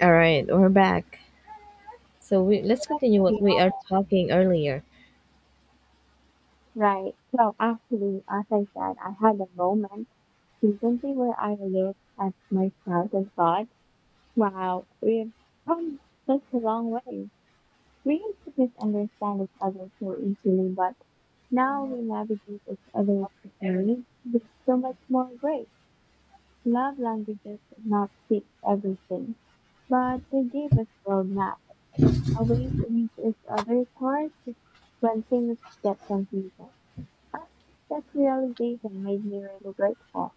All right, we're back. So we let's continue what Yeah, we are talking earlier. right. So actually, as I said, I had a moment recently where I looked at myself and thought, wow, we've come such a long way. We used to misunderstand each other so easily, but now we navigate each other's journey with so much more grace. Love languages did not fix everything, but they gave us roadmap, a way to reach each other's hearts when things get confusing. I think that realization made me really grateful.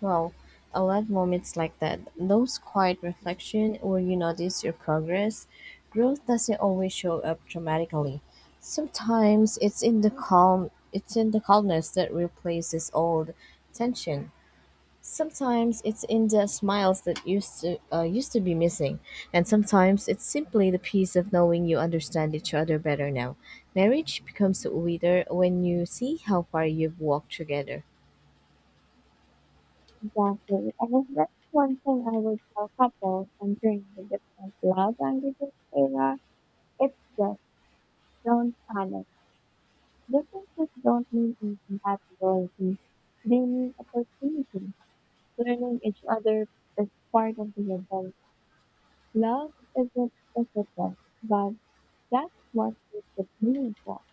Wow, I love moments like that. Those quiet reflection where you notice your progress. Growth doesn't always show up dramatically. Sometimes it's in the calm it's in the calmness that replaces old tension. Sometimes it's in the smiles that used to be missing, and sometimes it's simply the peace of knowing you understand each other better now. Marriage becomes sweeter when you see how far you've walked together. Exactly. And if that's one thing I would tell couples entering the different love languages era, it's just don't panic. Differences don't mean incompatibility. They mean opportunity. Learning each other is part of the adult. Love isn't physical, but that's what makes it meaningful.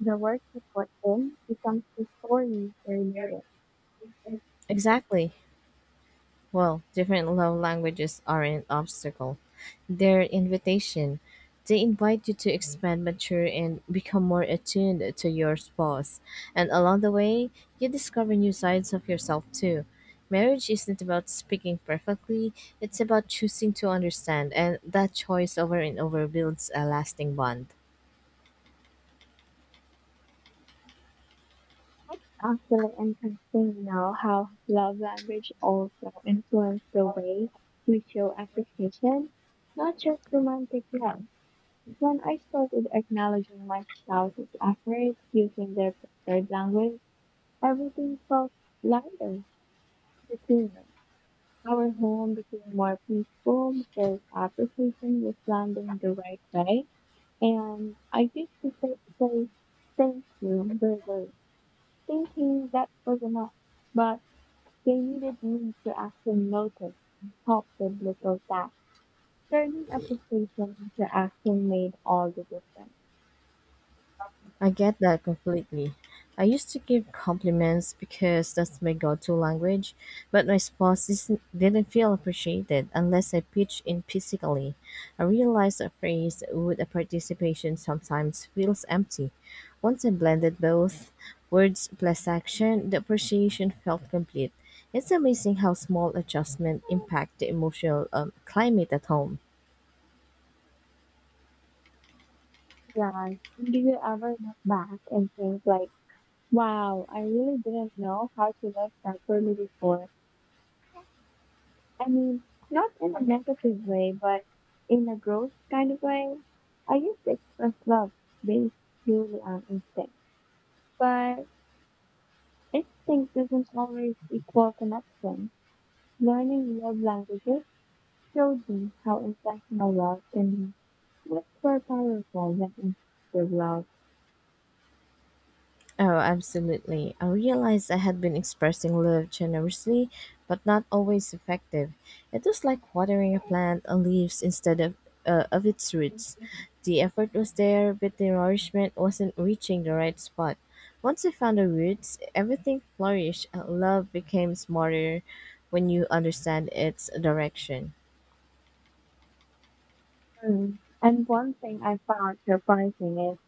The work you put in becomes the story you're. Exactly. Well, different love languages aren't an obstacle. They're invitation. They invite you to expand, mature, and become more attuned to your spouse. And along the way, you discover new sides of yourself too. Marriage isn't about speaking perfectly, it's about choosing to understand, and that choice over and over builds a lasting bond. It's actually interesting now how love language also influence the way we show appreciation, not just romantic love. When I started acknowledging my spouse's efforts using their preferred language, everything felt lighter between us. Our home became more peaceful because appreciation was landing the right way. And I used to say thank you, but thinking that was enough. But they needed means to action noticed and topped with little taps. Turning a frustration into action made all the difference. I get that completely. I used to give compliments because that's my go to language, but my spouse isn't, didn't feel appreciated unless I pitched in physically. I realized a phrase with a participation sometimes feels empty. Once I blended both words plus action, the appreciation felt complete. It's amazing how small adjustments impact the emotional climate at home. Jan, do you ever look back and think like, wow, I really didn't know how to love properly before? I mean, not in a negative way, but in a growth kind of way. I used to express love based purely on instinct, but instinct doesn't always equal connection. Learning love languages showed me how intentional love can be much more powerful than instinctive love. Oh, absolutely. I realized I had been expressing love generously, but not always effective. It was like watering a plant on leaves instead of its roots. The effort was there, but the nourishment wasn't reaching the right spot. Once I found the roots, everything flourished and love became smarter when you understand its direction. Mm. And one thing I found surprising is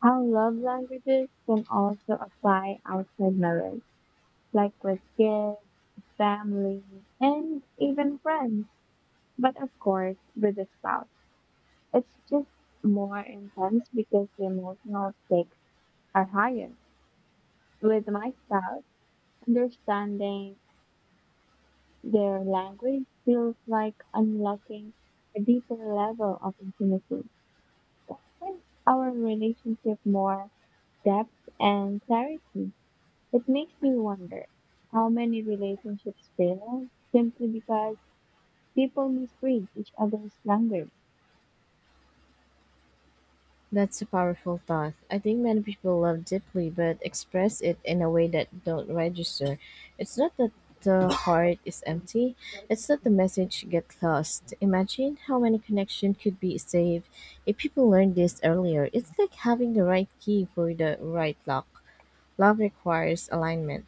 how love languages can also apply outside marriage, like with kids, family, and even friends. But of course, with a spouse, it's just more intense because the emotional stakes are higher. With my spouse, understanding their language feels like unlocking a deeper level of intimacy. It gives our relationship more depth and clarity. It makes me wonder how many relationships fail simply because people misread each other's language. That's a powerful thought. I think many people love deeply but express it in a way that don't register. It's not that the heart is empty, it's that the message gets lost. Imagine how many connections could be saved if people learned this earlier. It's like having the right key for the right lock. Love requires alignment.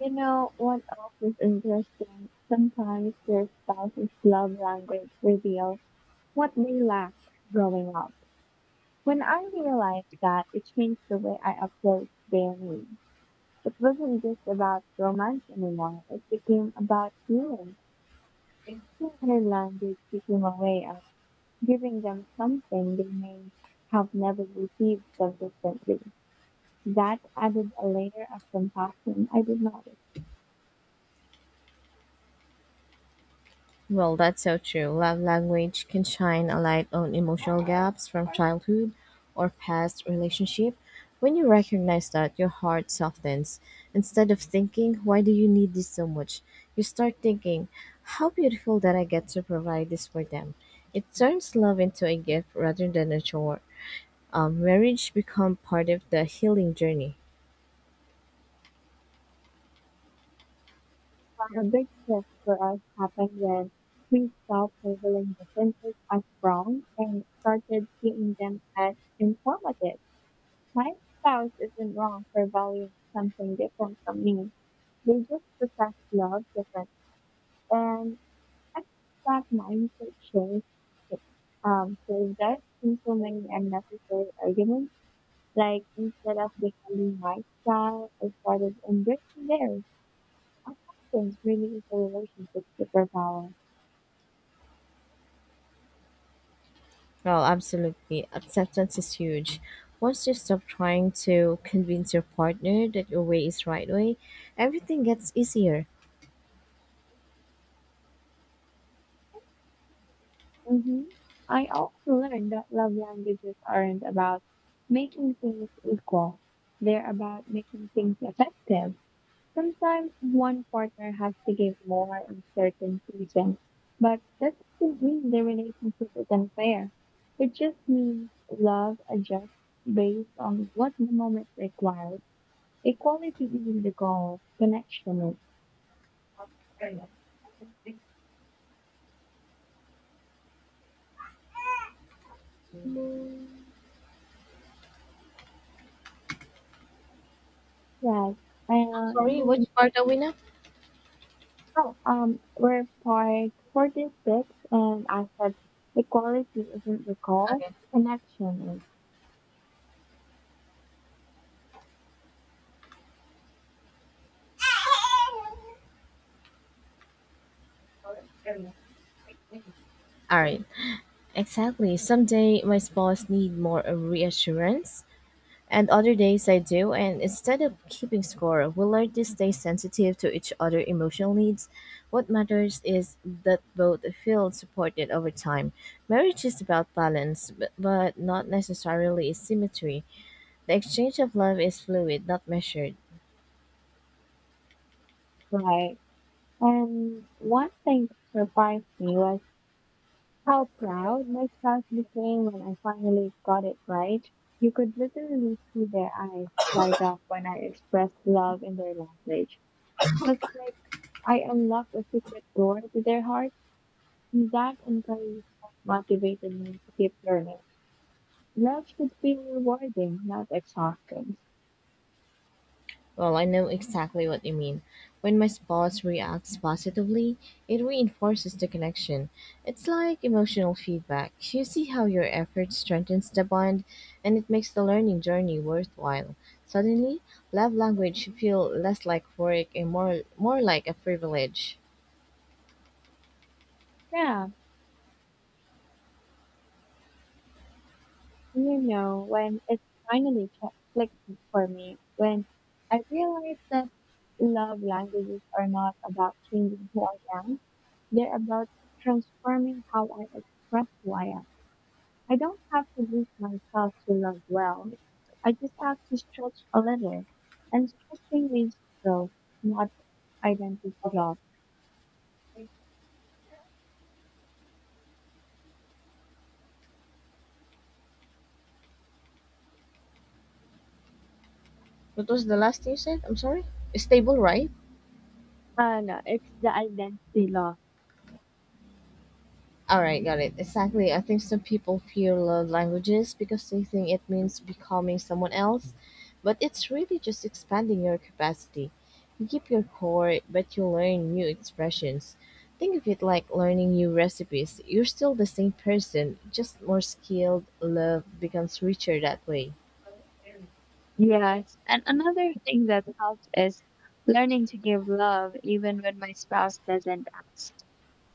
You know what else is interesting? Sometimes your spouse's love language reveals what they lacked growing up. When I realized that, it changed the way I approached dating. It wasn't just about romance anymore. It became about healing. Another language became a way of giving them something they may have never received consistently. That added a layer of compassion I did not Well, that's so true. Love language can shine a light on emotional gaps from childhood or past relationship. When you recognize that, your heart softens. Instead of thinking, why do you need this so much? You start thinking, how beautiful that I get to provide this for them. It turns love into a gift rather than a chore. Marriage become part of the healing journey. require. A big shift for us happened when we stopped labeling differences as wrong and started seeing them as informative. My spouse isn't wrong for valuing something different from me. We just process love different. And I think that mindset change saved us from so many unnecessary arguments. Like instead of defending my style, I started embracing theirs. Acceptance really is a relationship superpower. Well, absolutely. Acceptance is huge. Once you stop trying to convince your partner that your way is right way, everything gets easier. Mm-hmm. I also learned that love languages aren't about making things equal. They're about making things effective. Sometimes one partner has to give more in certain regions, but that doesn't mean the relationship is unfair. It just means love adjusts based on what the moment requires. Equality isn't the goal, connection is. Yes, and Sorry, which part are we now? oh, we're part 46, and I said equality isn't the goal, connection is. All right. Exactly. Some day my spouse need more of reassurance, and other days I do. And instead of keeping score, we learn to stay sensitive to each other' emotional needs. What matters is that both feel supported over time. Marriage is about balance, but not necessarily symmetry. The exchange of love is fluid, not measured. Right. And one thing that surprised me was how proud my spouse became when I finally got it right. You could literally see their eyes light up when I expressed love in their language. It was like I unlocked a secret door to their heart, and that encouraged and motivated me to keep learning. Love should feel rewarding, not exhausting. Well, I know exactly what you mean. When my spouse reacts positively, it reinforces the connection. It's like emotional feedback. You see how your effort strengthens the bond and it makes the learning journey worthwhile. Suddenly, love language feel less like work and more like a privilege. Yeah, you know, when it finally clicked for me, when I realized that love languages are not about changing who I am, they're about transforming how I express who I am. I don't have to lose myself to love well. I just have to stretch a little. And stretching means growth, not identity loss. What was the last thing you said? I'm sorry? Stable, right? And it's the identity loss. All right, got it. Exactly. I think some people fear love languages because they think it means becoming someone else, but it's really just expanding your capacity. You keep your core, but you learn new expressions. Think of it like learning new recipes. You're still the same person, just more skilled. Love becomes richer that way. Yes. And another thing that helps is learning to give love even when my spouse doesn't ask.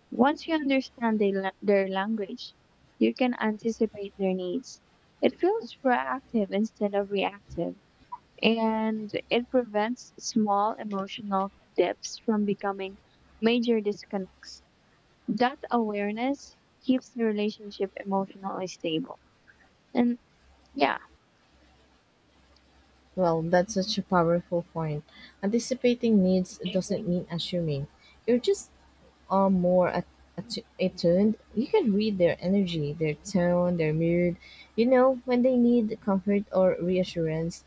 Once you understand their language, you can anticipate their needs. It feels proactive instead of reactive, and it prevents small emotional dips from becoming major disconnects. That awareness keeps the relationship emotionally stable. And yeah, Well, that's such a powerful point. Anticipating needs doesn't mean assuming. You're just are more at- attu- attuned, you can read their energy, their tone, their mood. You know when they need comfort or reassurance.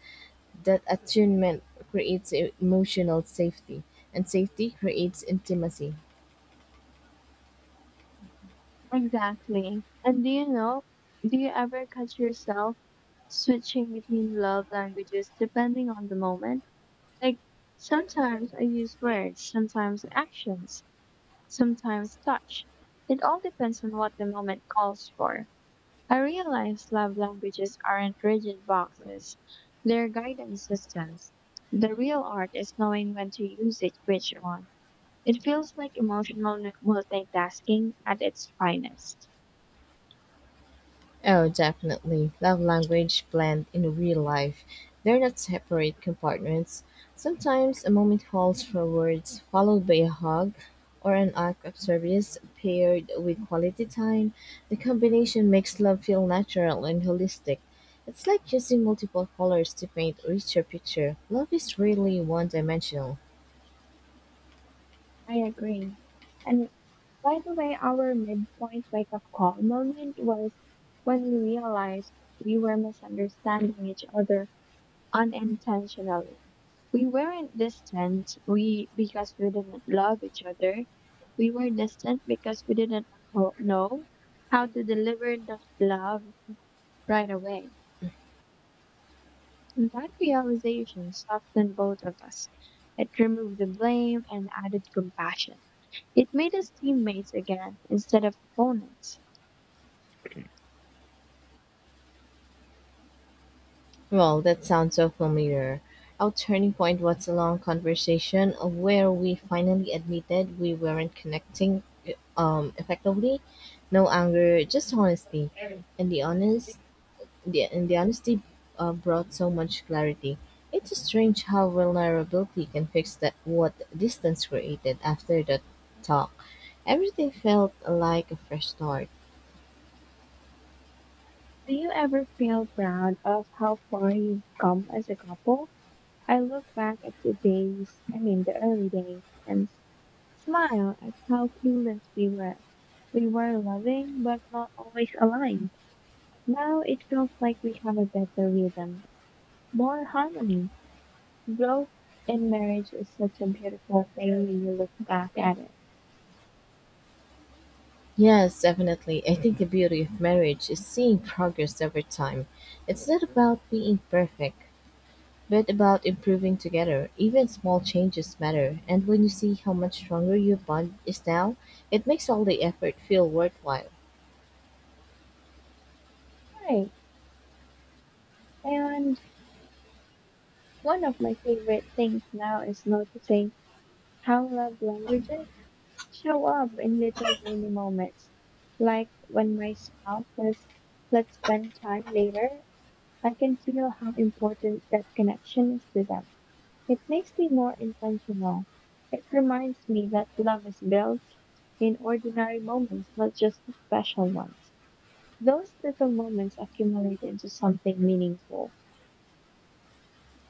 That attunement creates emotional safety, and safety creates intimacy. exactly. And do you know, do you ever catch yourself switching between love languages depending on the moment? Like sometimes I use words, sometimes actions, sometimes touch. It all depends on what the moment calls for. I realize love languages aren't rigid boxes. They're guidance systems. The real art is knowing when to use it, which one. It feels like emotional multitasking at its finest. Oh, definitely. Love language blend in real life. They're not separate compartments. Sometimes a moment calls for words, followed by a hug or an act of service paired with quality time. The combination makes love feel natural and holistic. It's like using multiple colors to paint a richer picture. Love is really one dimensional. I agree. And by the way, our midpoint wake up call moment was when we realized we were misunderstanding each other unintentionally. We weren't distant we because we didn't love each other. We were distant because we didn't know how to deliver that love right away. And that realization softened both of us. It removed the blame and added compassion. It made us teammates again instead of opponents. Well, that sounds so familiar. Our turning point was a long conversation where we finally admitted we weren't connecting effectively. No anger, just honesty, Do and the honest, and the honesty brought so much clarity. It's strange how vulnerability can fix that what distance created after that talk. Everything felt like a fresh start. you ever feel proud of how far you've come as a couple? I look back at the days, I mean the early days, and smile at how clueless we were. We were loving, but not always aligned. Now it feels like we have a better rhythm, more harmony. Growth in marriage is such a beautiful thing when you look back at it. Yes, definitely. I think the beauty of marriage is seeing progress over time. It's not about being perfect, but about improving together. Even small changes matter, and when you see how much stronger your bond is now, it makes all the effort feel worthwhile. Right. And one of my favorite things now is noticing how love languages show up in little daily moments. Like when my spouse says, let's spend time later, I can feel how important that connection is to them. It makes me more intentional. It reminds me that love is built in ordinary moments, not just the special ones. Those little moments accumulate into something meaningful.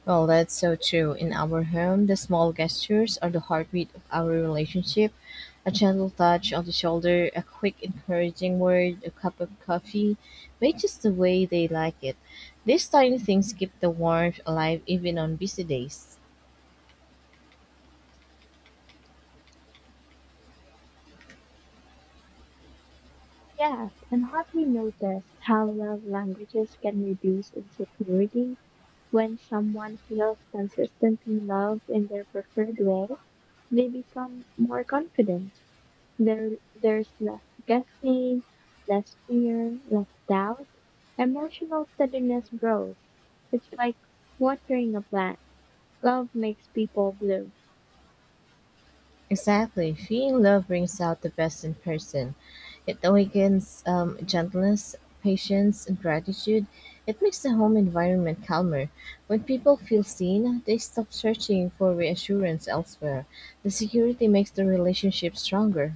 Well, that's so true. In our home, the small gestures are the heartbeat of our relationship. A gentle touch on the shoulder, a quick encouraging word, a cup of coffee, made just the way they like it. These tiny things keep the warmth alive even on busy days. Yes, and have you noticed how love languages can reduce insecurity when someone feels consistently loved in their preferred way? They become more confident. There's less guessing, less fear, less doubt. Emotional steadiness grows. It's like watering a plant. Love makes people bloom. Exactly. Feeling love brings out the best in person. It awakens gentleness, patience, and gratitude. It makes the home environment calmer. When people feel seen, they stop searching for reassurance elsewhere. The security makes the relationship stronger.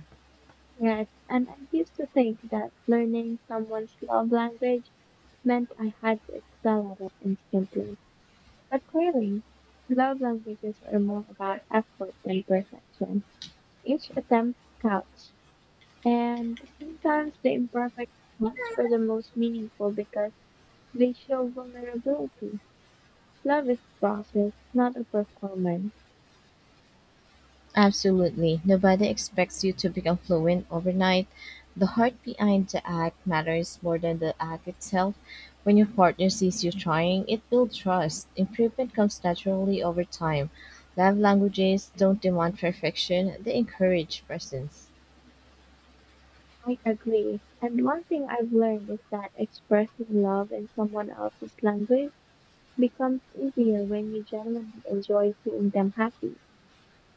Yes, and I used to think that learning someone's love language meant I had to excel at it instantly. But clearly, love languages are more about effort than perfection. Each attempt counts, and sometimes the imperfect ones are the most meaningful because they show vulnerability. Love is a process, not a performance. Absolutely. Nobody expects you to become fluent overnight. The heart behind the act matters more than the act itself. When your partner sees you trying, it builds trust. Improvement comes naturally over time. Love languages don't demand perfection, they encourage presence. I agree. And one thing I've learned is that expressing love in someone else's language becomes easier when you genuinely enjoy seeing them happy.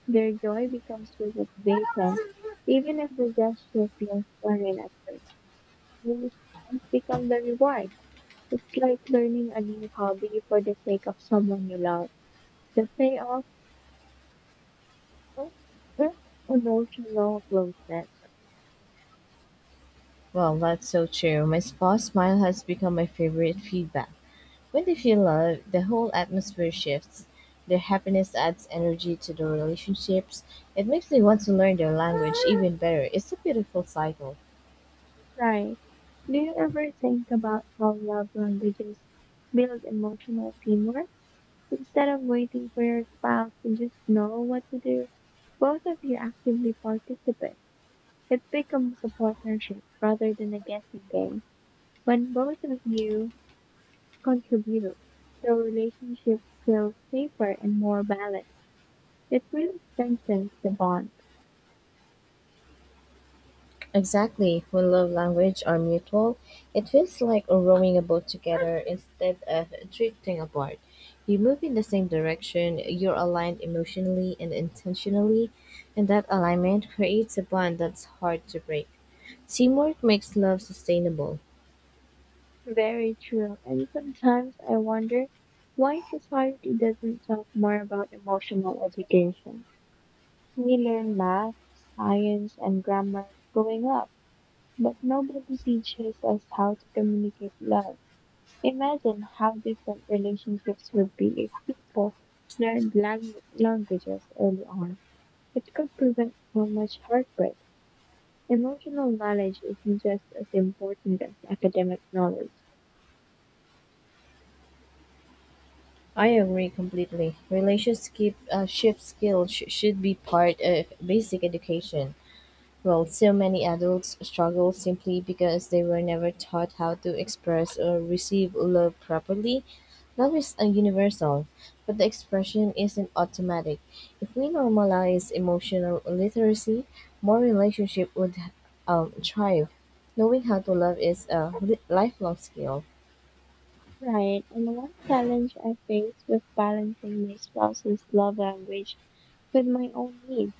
Their joy becomes relaxation, even if the gesture feels foreign at first. The response becomes the reward. It's like learning a new hobby for the sake of someone you love. The payoff is emotional closeness. Well, that's so true. My spa smile has become my favorite feedback. When they feel love, the whole atmosphere shifts. Their happiness adds energy to the relationships. It makes me want to learn their language even better. It's a beautiful cycle. Right. Do you ever think about how love languages build emotional teamwork? Instead of waiting for your spouse to just know what to do, both of you actively participate. It becomes a partnership rather than a guessing game. When both of you contribute, the relationship feels safer and more balanced. It really strengthens the bond. Exactly. When love language are mutual, it feels like rowing a boat together instead of drifting apart. You move in the same direction, you're aligned emotionally and intentionally, and that alignment creates a bond that's hard to break. Teamwork makes love sustainable. Very true. And sometimes I wonder why society doesn't talk more about emotional education. We learn math, science, and grammar growing up, but nobody teaches us how to communicate love. Imagine how different relationships would be if people learned languages early on. It could prevent so much heartbreak. Emotional knowledge is just as important as academic knowledge. I agree completely. Relationship ship skills should be part of basic education. Well, so many adults struggle simply because they were never taught how to express or receive love properly. Love is a universal, but the expression isn't automatic. If we normalize emotional literacy, more relationship would thrive. Knowing how to love is a lifelong skill. Right, and one challenge I faced was balancing my spouse's love language with my own needs.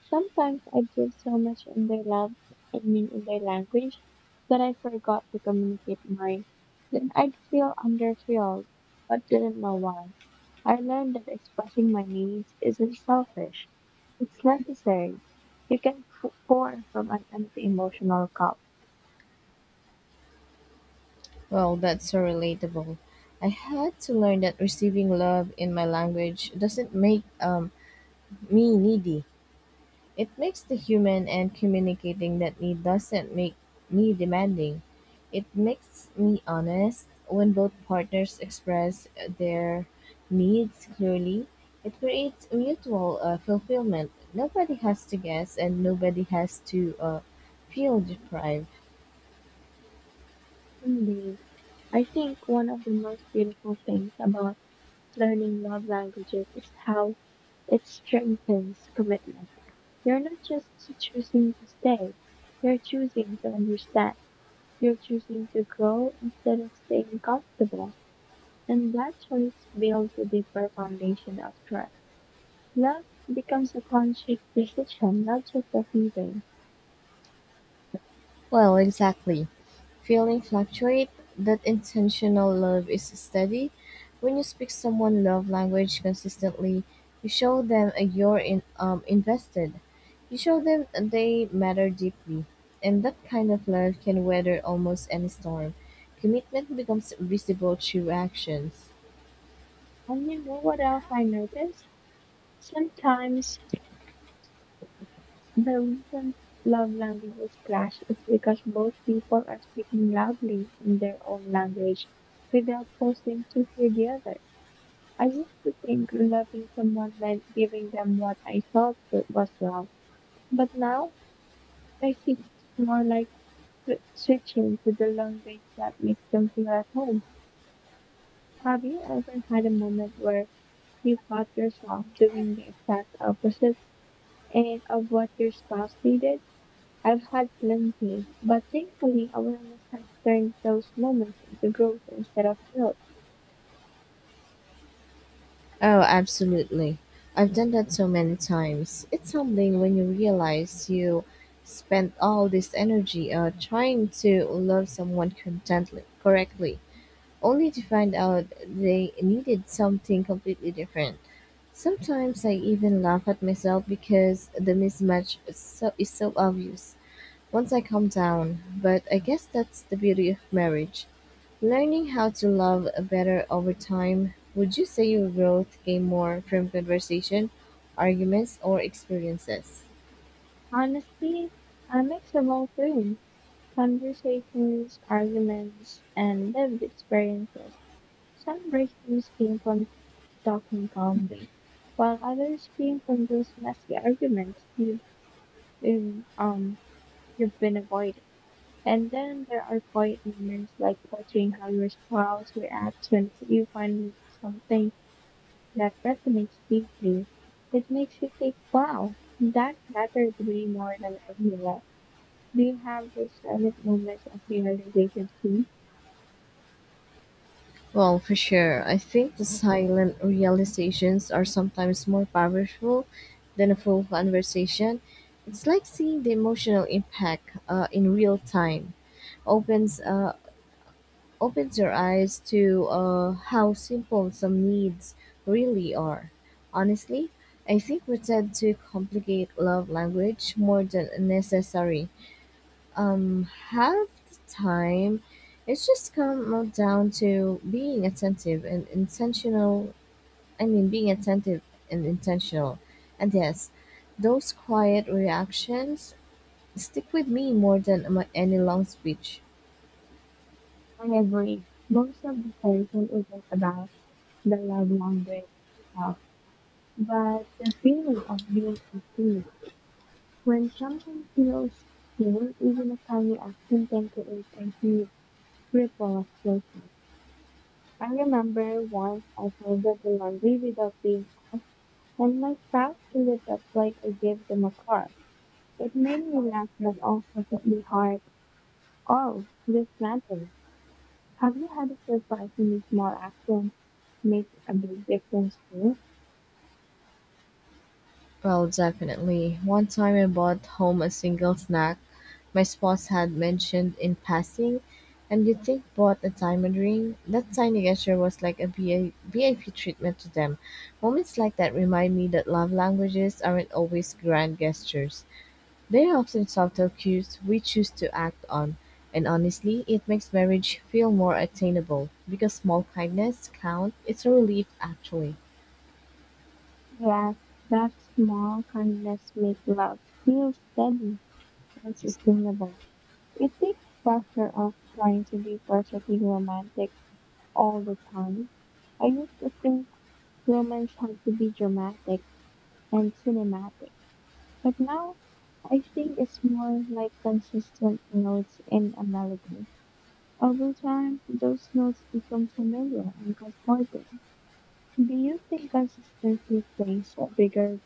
Sometimes I give so much in their love, I mean in their language, that I forgot to communicate mine. Then I'd feel underfilled, but didn't know why. I learned that expressing my needs isn't selfish. It's necessary. You can pour from an empty emotional cup. Well, that's so relatable. I had to learn that receiving love in my language doesn't make me needy. It makes the human and communicating that need doesn't make me demanding. It makes me honest. When both partners express their needs clearly, it creates mutual fulfillment. Nobody has to guess and nobody has to feel deprived. Indeed. I think one of the most beautiful things about learning love languages is how it strengthens commitment. You're not just choosing to stay, you're choosing to understand. You're choosing to grow instead of staying comfortable. And that choice builds a deeper foundation of trust. Love becomes a conscious decision, not just a feeling. Well, exactly. Feeling fluctuate, that intentional love is steady. When you speak someone love language consistently, you show them you're invested. You show them they matter deeply. And that kind of love can weather almost any storm. Commitment becomes visible through actions. And you know what else I noticed? Sometimes the reason love languages clash is because both people are speaking loudly in their own language without pausing to hear the other. I used to think loving someone meant giving them what I thought was wrong, but now I see it's more like switching to the language that makes them feel at home. Have you ever had a moment where you caught yourself doing the exact opposite and of what your spouse needed? I've had plenty, but thankfully awareness has turned those moments into growth instead of guilt. Oh, absolutely. I've done that so many times. It's humbling when you realize you spent all this energy trying to love someone correctly, only to find out they needed something completely different. Sometimes I even laugh at myself because the mismatch is so obvious once I calmed down. But I guess that's the beauty of marriage learning how to love better over time. Would you say your growth came more from conversation, arguments, or experiences? Honestly, a mix of all three conversations, arguments, and lived experiences. Some breakthroughs came from talking calmly, while others came from those messy arguments been, um, you've been avoiding. And then there are quiet moments like watching how your spouse reacts when you find something that resonance deeply. It makes you think, wow, that matters way more than I realized. Do you have those silent moments of realization too? Well, for sure. I think the silent realizations are sometimes more powerful than a full conversation. It's like seeing the emotional impact in real time. Opens uh, Opens your eyes to how simple some needs really are. Honestly, I think we tend to complicate love language more than necessary. Um, Half the time, it's just come down to being attentive and intentional. I mean, being attentive and intentional. And yes, those quiet reactions stick with me more than any long speech. I agree. Most of the tension isn't about the love language itself, but the feeling of being unseen. When someone feels seen, even a tiny action can create a huge ripple of guilt. I remember once I folded the laundry without being asked and my spouse lit up like I gave them a car. It made me laugh but also hit me hard. Oh, this matters. Have you had a surprisingly small accident make a big difference too? Well, definitely. One time I bought home a single snack my spouse had mentioned in passing, and you think bought a diamond ring? That tiny gesture was like a VIP treatment to them. Moments like that remind me that love languages aren't always grand gestures. They're often subtle cues we choose to act on. And honestly, it makes marriage feel more attainable because small kindness count. It's a relief, actually. Yes, that small kindness makes love feel steady and sustainable. It takes pressure off trying to be perfectly romantic all the time. I used to think romance had to be dramatic and cinematic. But now, I think it's more like consistent notes in a melody. Over time, those notes become familiar and comforting. Do you think consistency plays a bigger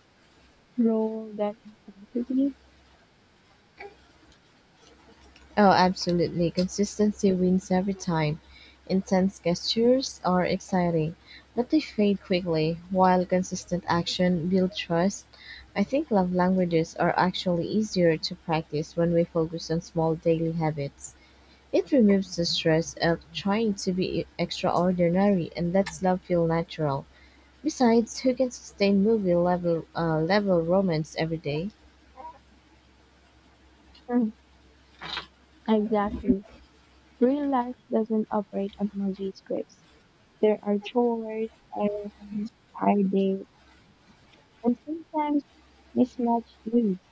role than intensity? Oh, absolutely. Consistency wins every time. Intense gestures are exciting, but they fade quickly, while consistent action builds trust. I think love languages are actually easier to practice when we focus on small daily habits. It removes the stress of trying to be extraordinary and lets love feel natural. Besides, who can sustain movie level level romance every day? Hmm, exactly. Real life doesn't operate on movie scripts. There are chores, errands, tired days, and sometimes mismatched needs.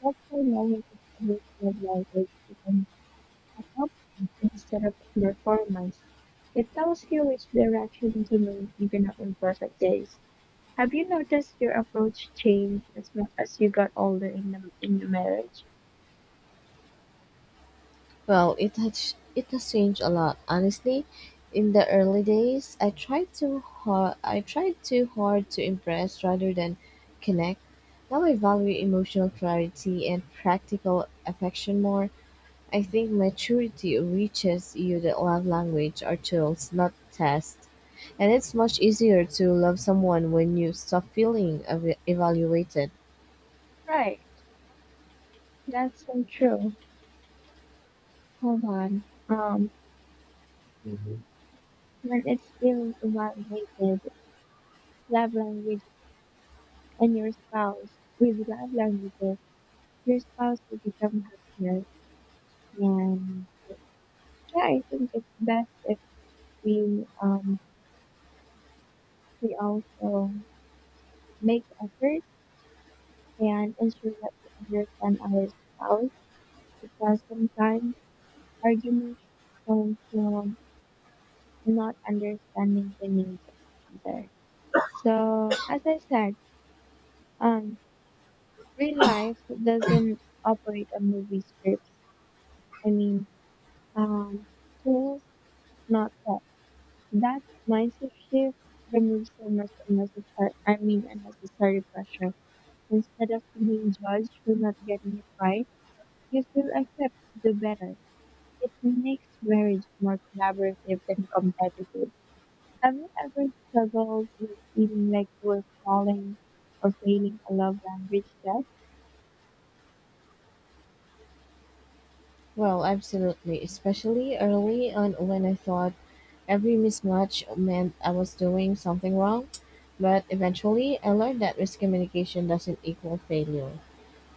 That's why knowing each other's love language becomes accomplishments instead of performance. It tells you which direction to move even on imperfect days. Have you noticed your approach change as much as you got older in the in your marriage? Well, it has changed a lot, honestly. In the early days, I tried too hard to impress rather than connect. Now I value emotional clarity and practical affection more. I think maturity reaches you that love language are tools, not tests. And it's much easier to love someone when you stop feeling evaluated. Right. That's so true. Hold on. When it's feeling evaluated, love language and your spouse with love languages, your spouse will become happier and yeah, I think it's best if we we also make efforts and ensure that we understand our spouse because sometimes arguments come from not understanding the needs of each other. So, as I said, um, real life doesn't operate on movie scripts. I mean, um, tools, not that. That mindset shift removes so much unnecessary pressure. Instead of feeling judged for not getting it right, you still accept to do better. It makes marriage more collaborative than competitive. Have you ever struggled with feeling like you were falling or failing a love language test? Well, absolutely, especially early on when I thought every mismatch meant I was doing something wrong, but eventually I learned that miscommunication doesn't equal failure.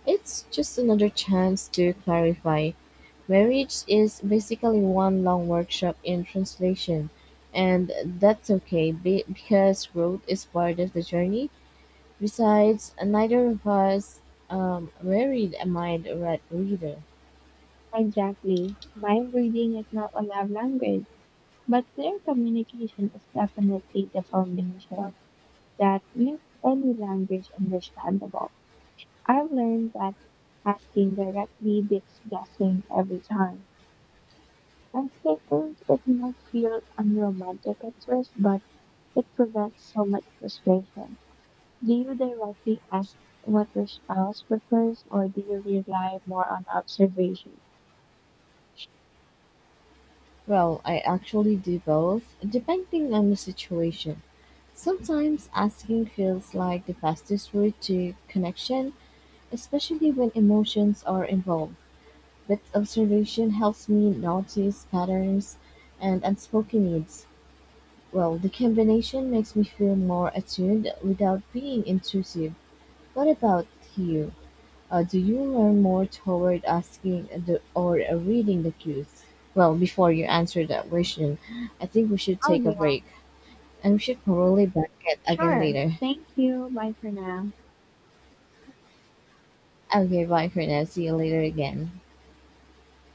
It's just another chance to clarify. Marriage is basically one long workshop in translation, and that's okay because growth is part of the journey. Besides, neither of us married a reader. Exactly. Mind reading is not a love language, but clear communication is definitely the foundation that makes any language understandable. I've learned that asking directly beats guessing every time. I'm playful with my feels and at first, but it prevents so much frustration. Do you directly ask what your spouse prefers, or do you rely more on observation? Well, I actually do both, depending on the situation. Sometimes asking feels like the fastest route to connection, especially when emotions are involved. But observation helps me notice patterns and unspoken needs. Well, the combination makes me feel more attuned without being intrusive. What about you? Do you learn more toward asking, or reading the cues? Well, before you answer that question, I think we should Oh, take a yeah, break and we should probably back it again sure. later. Thank you. Bye for now. Okay, bye for now. See you later again.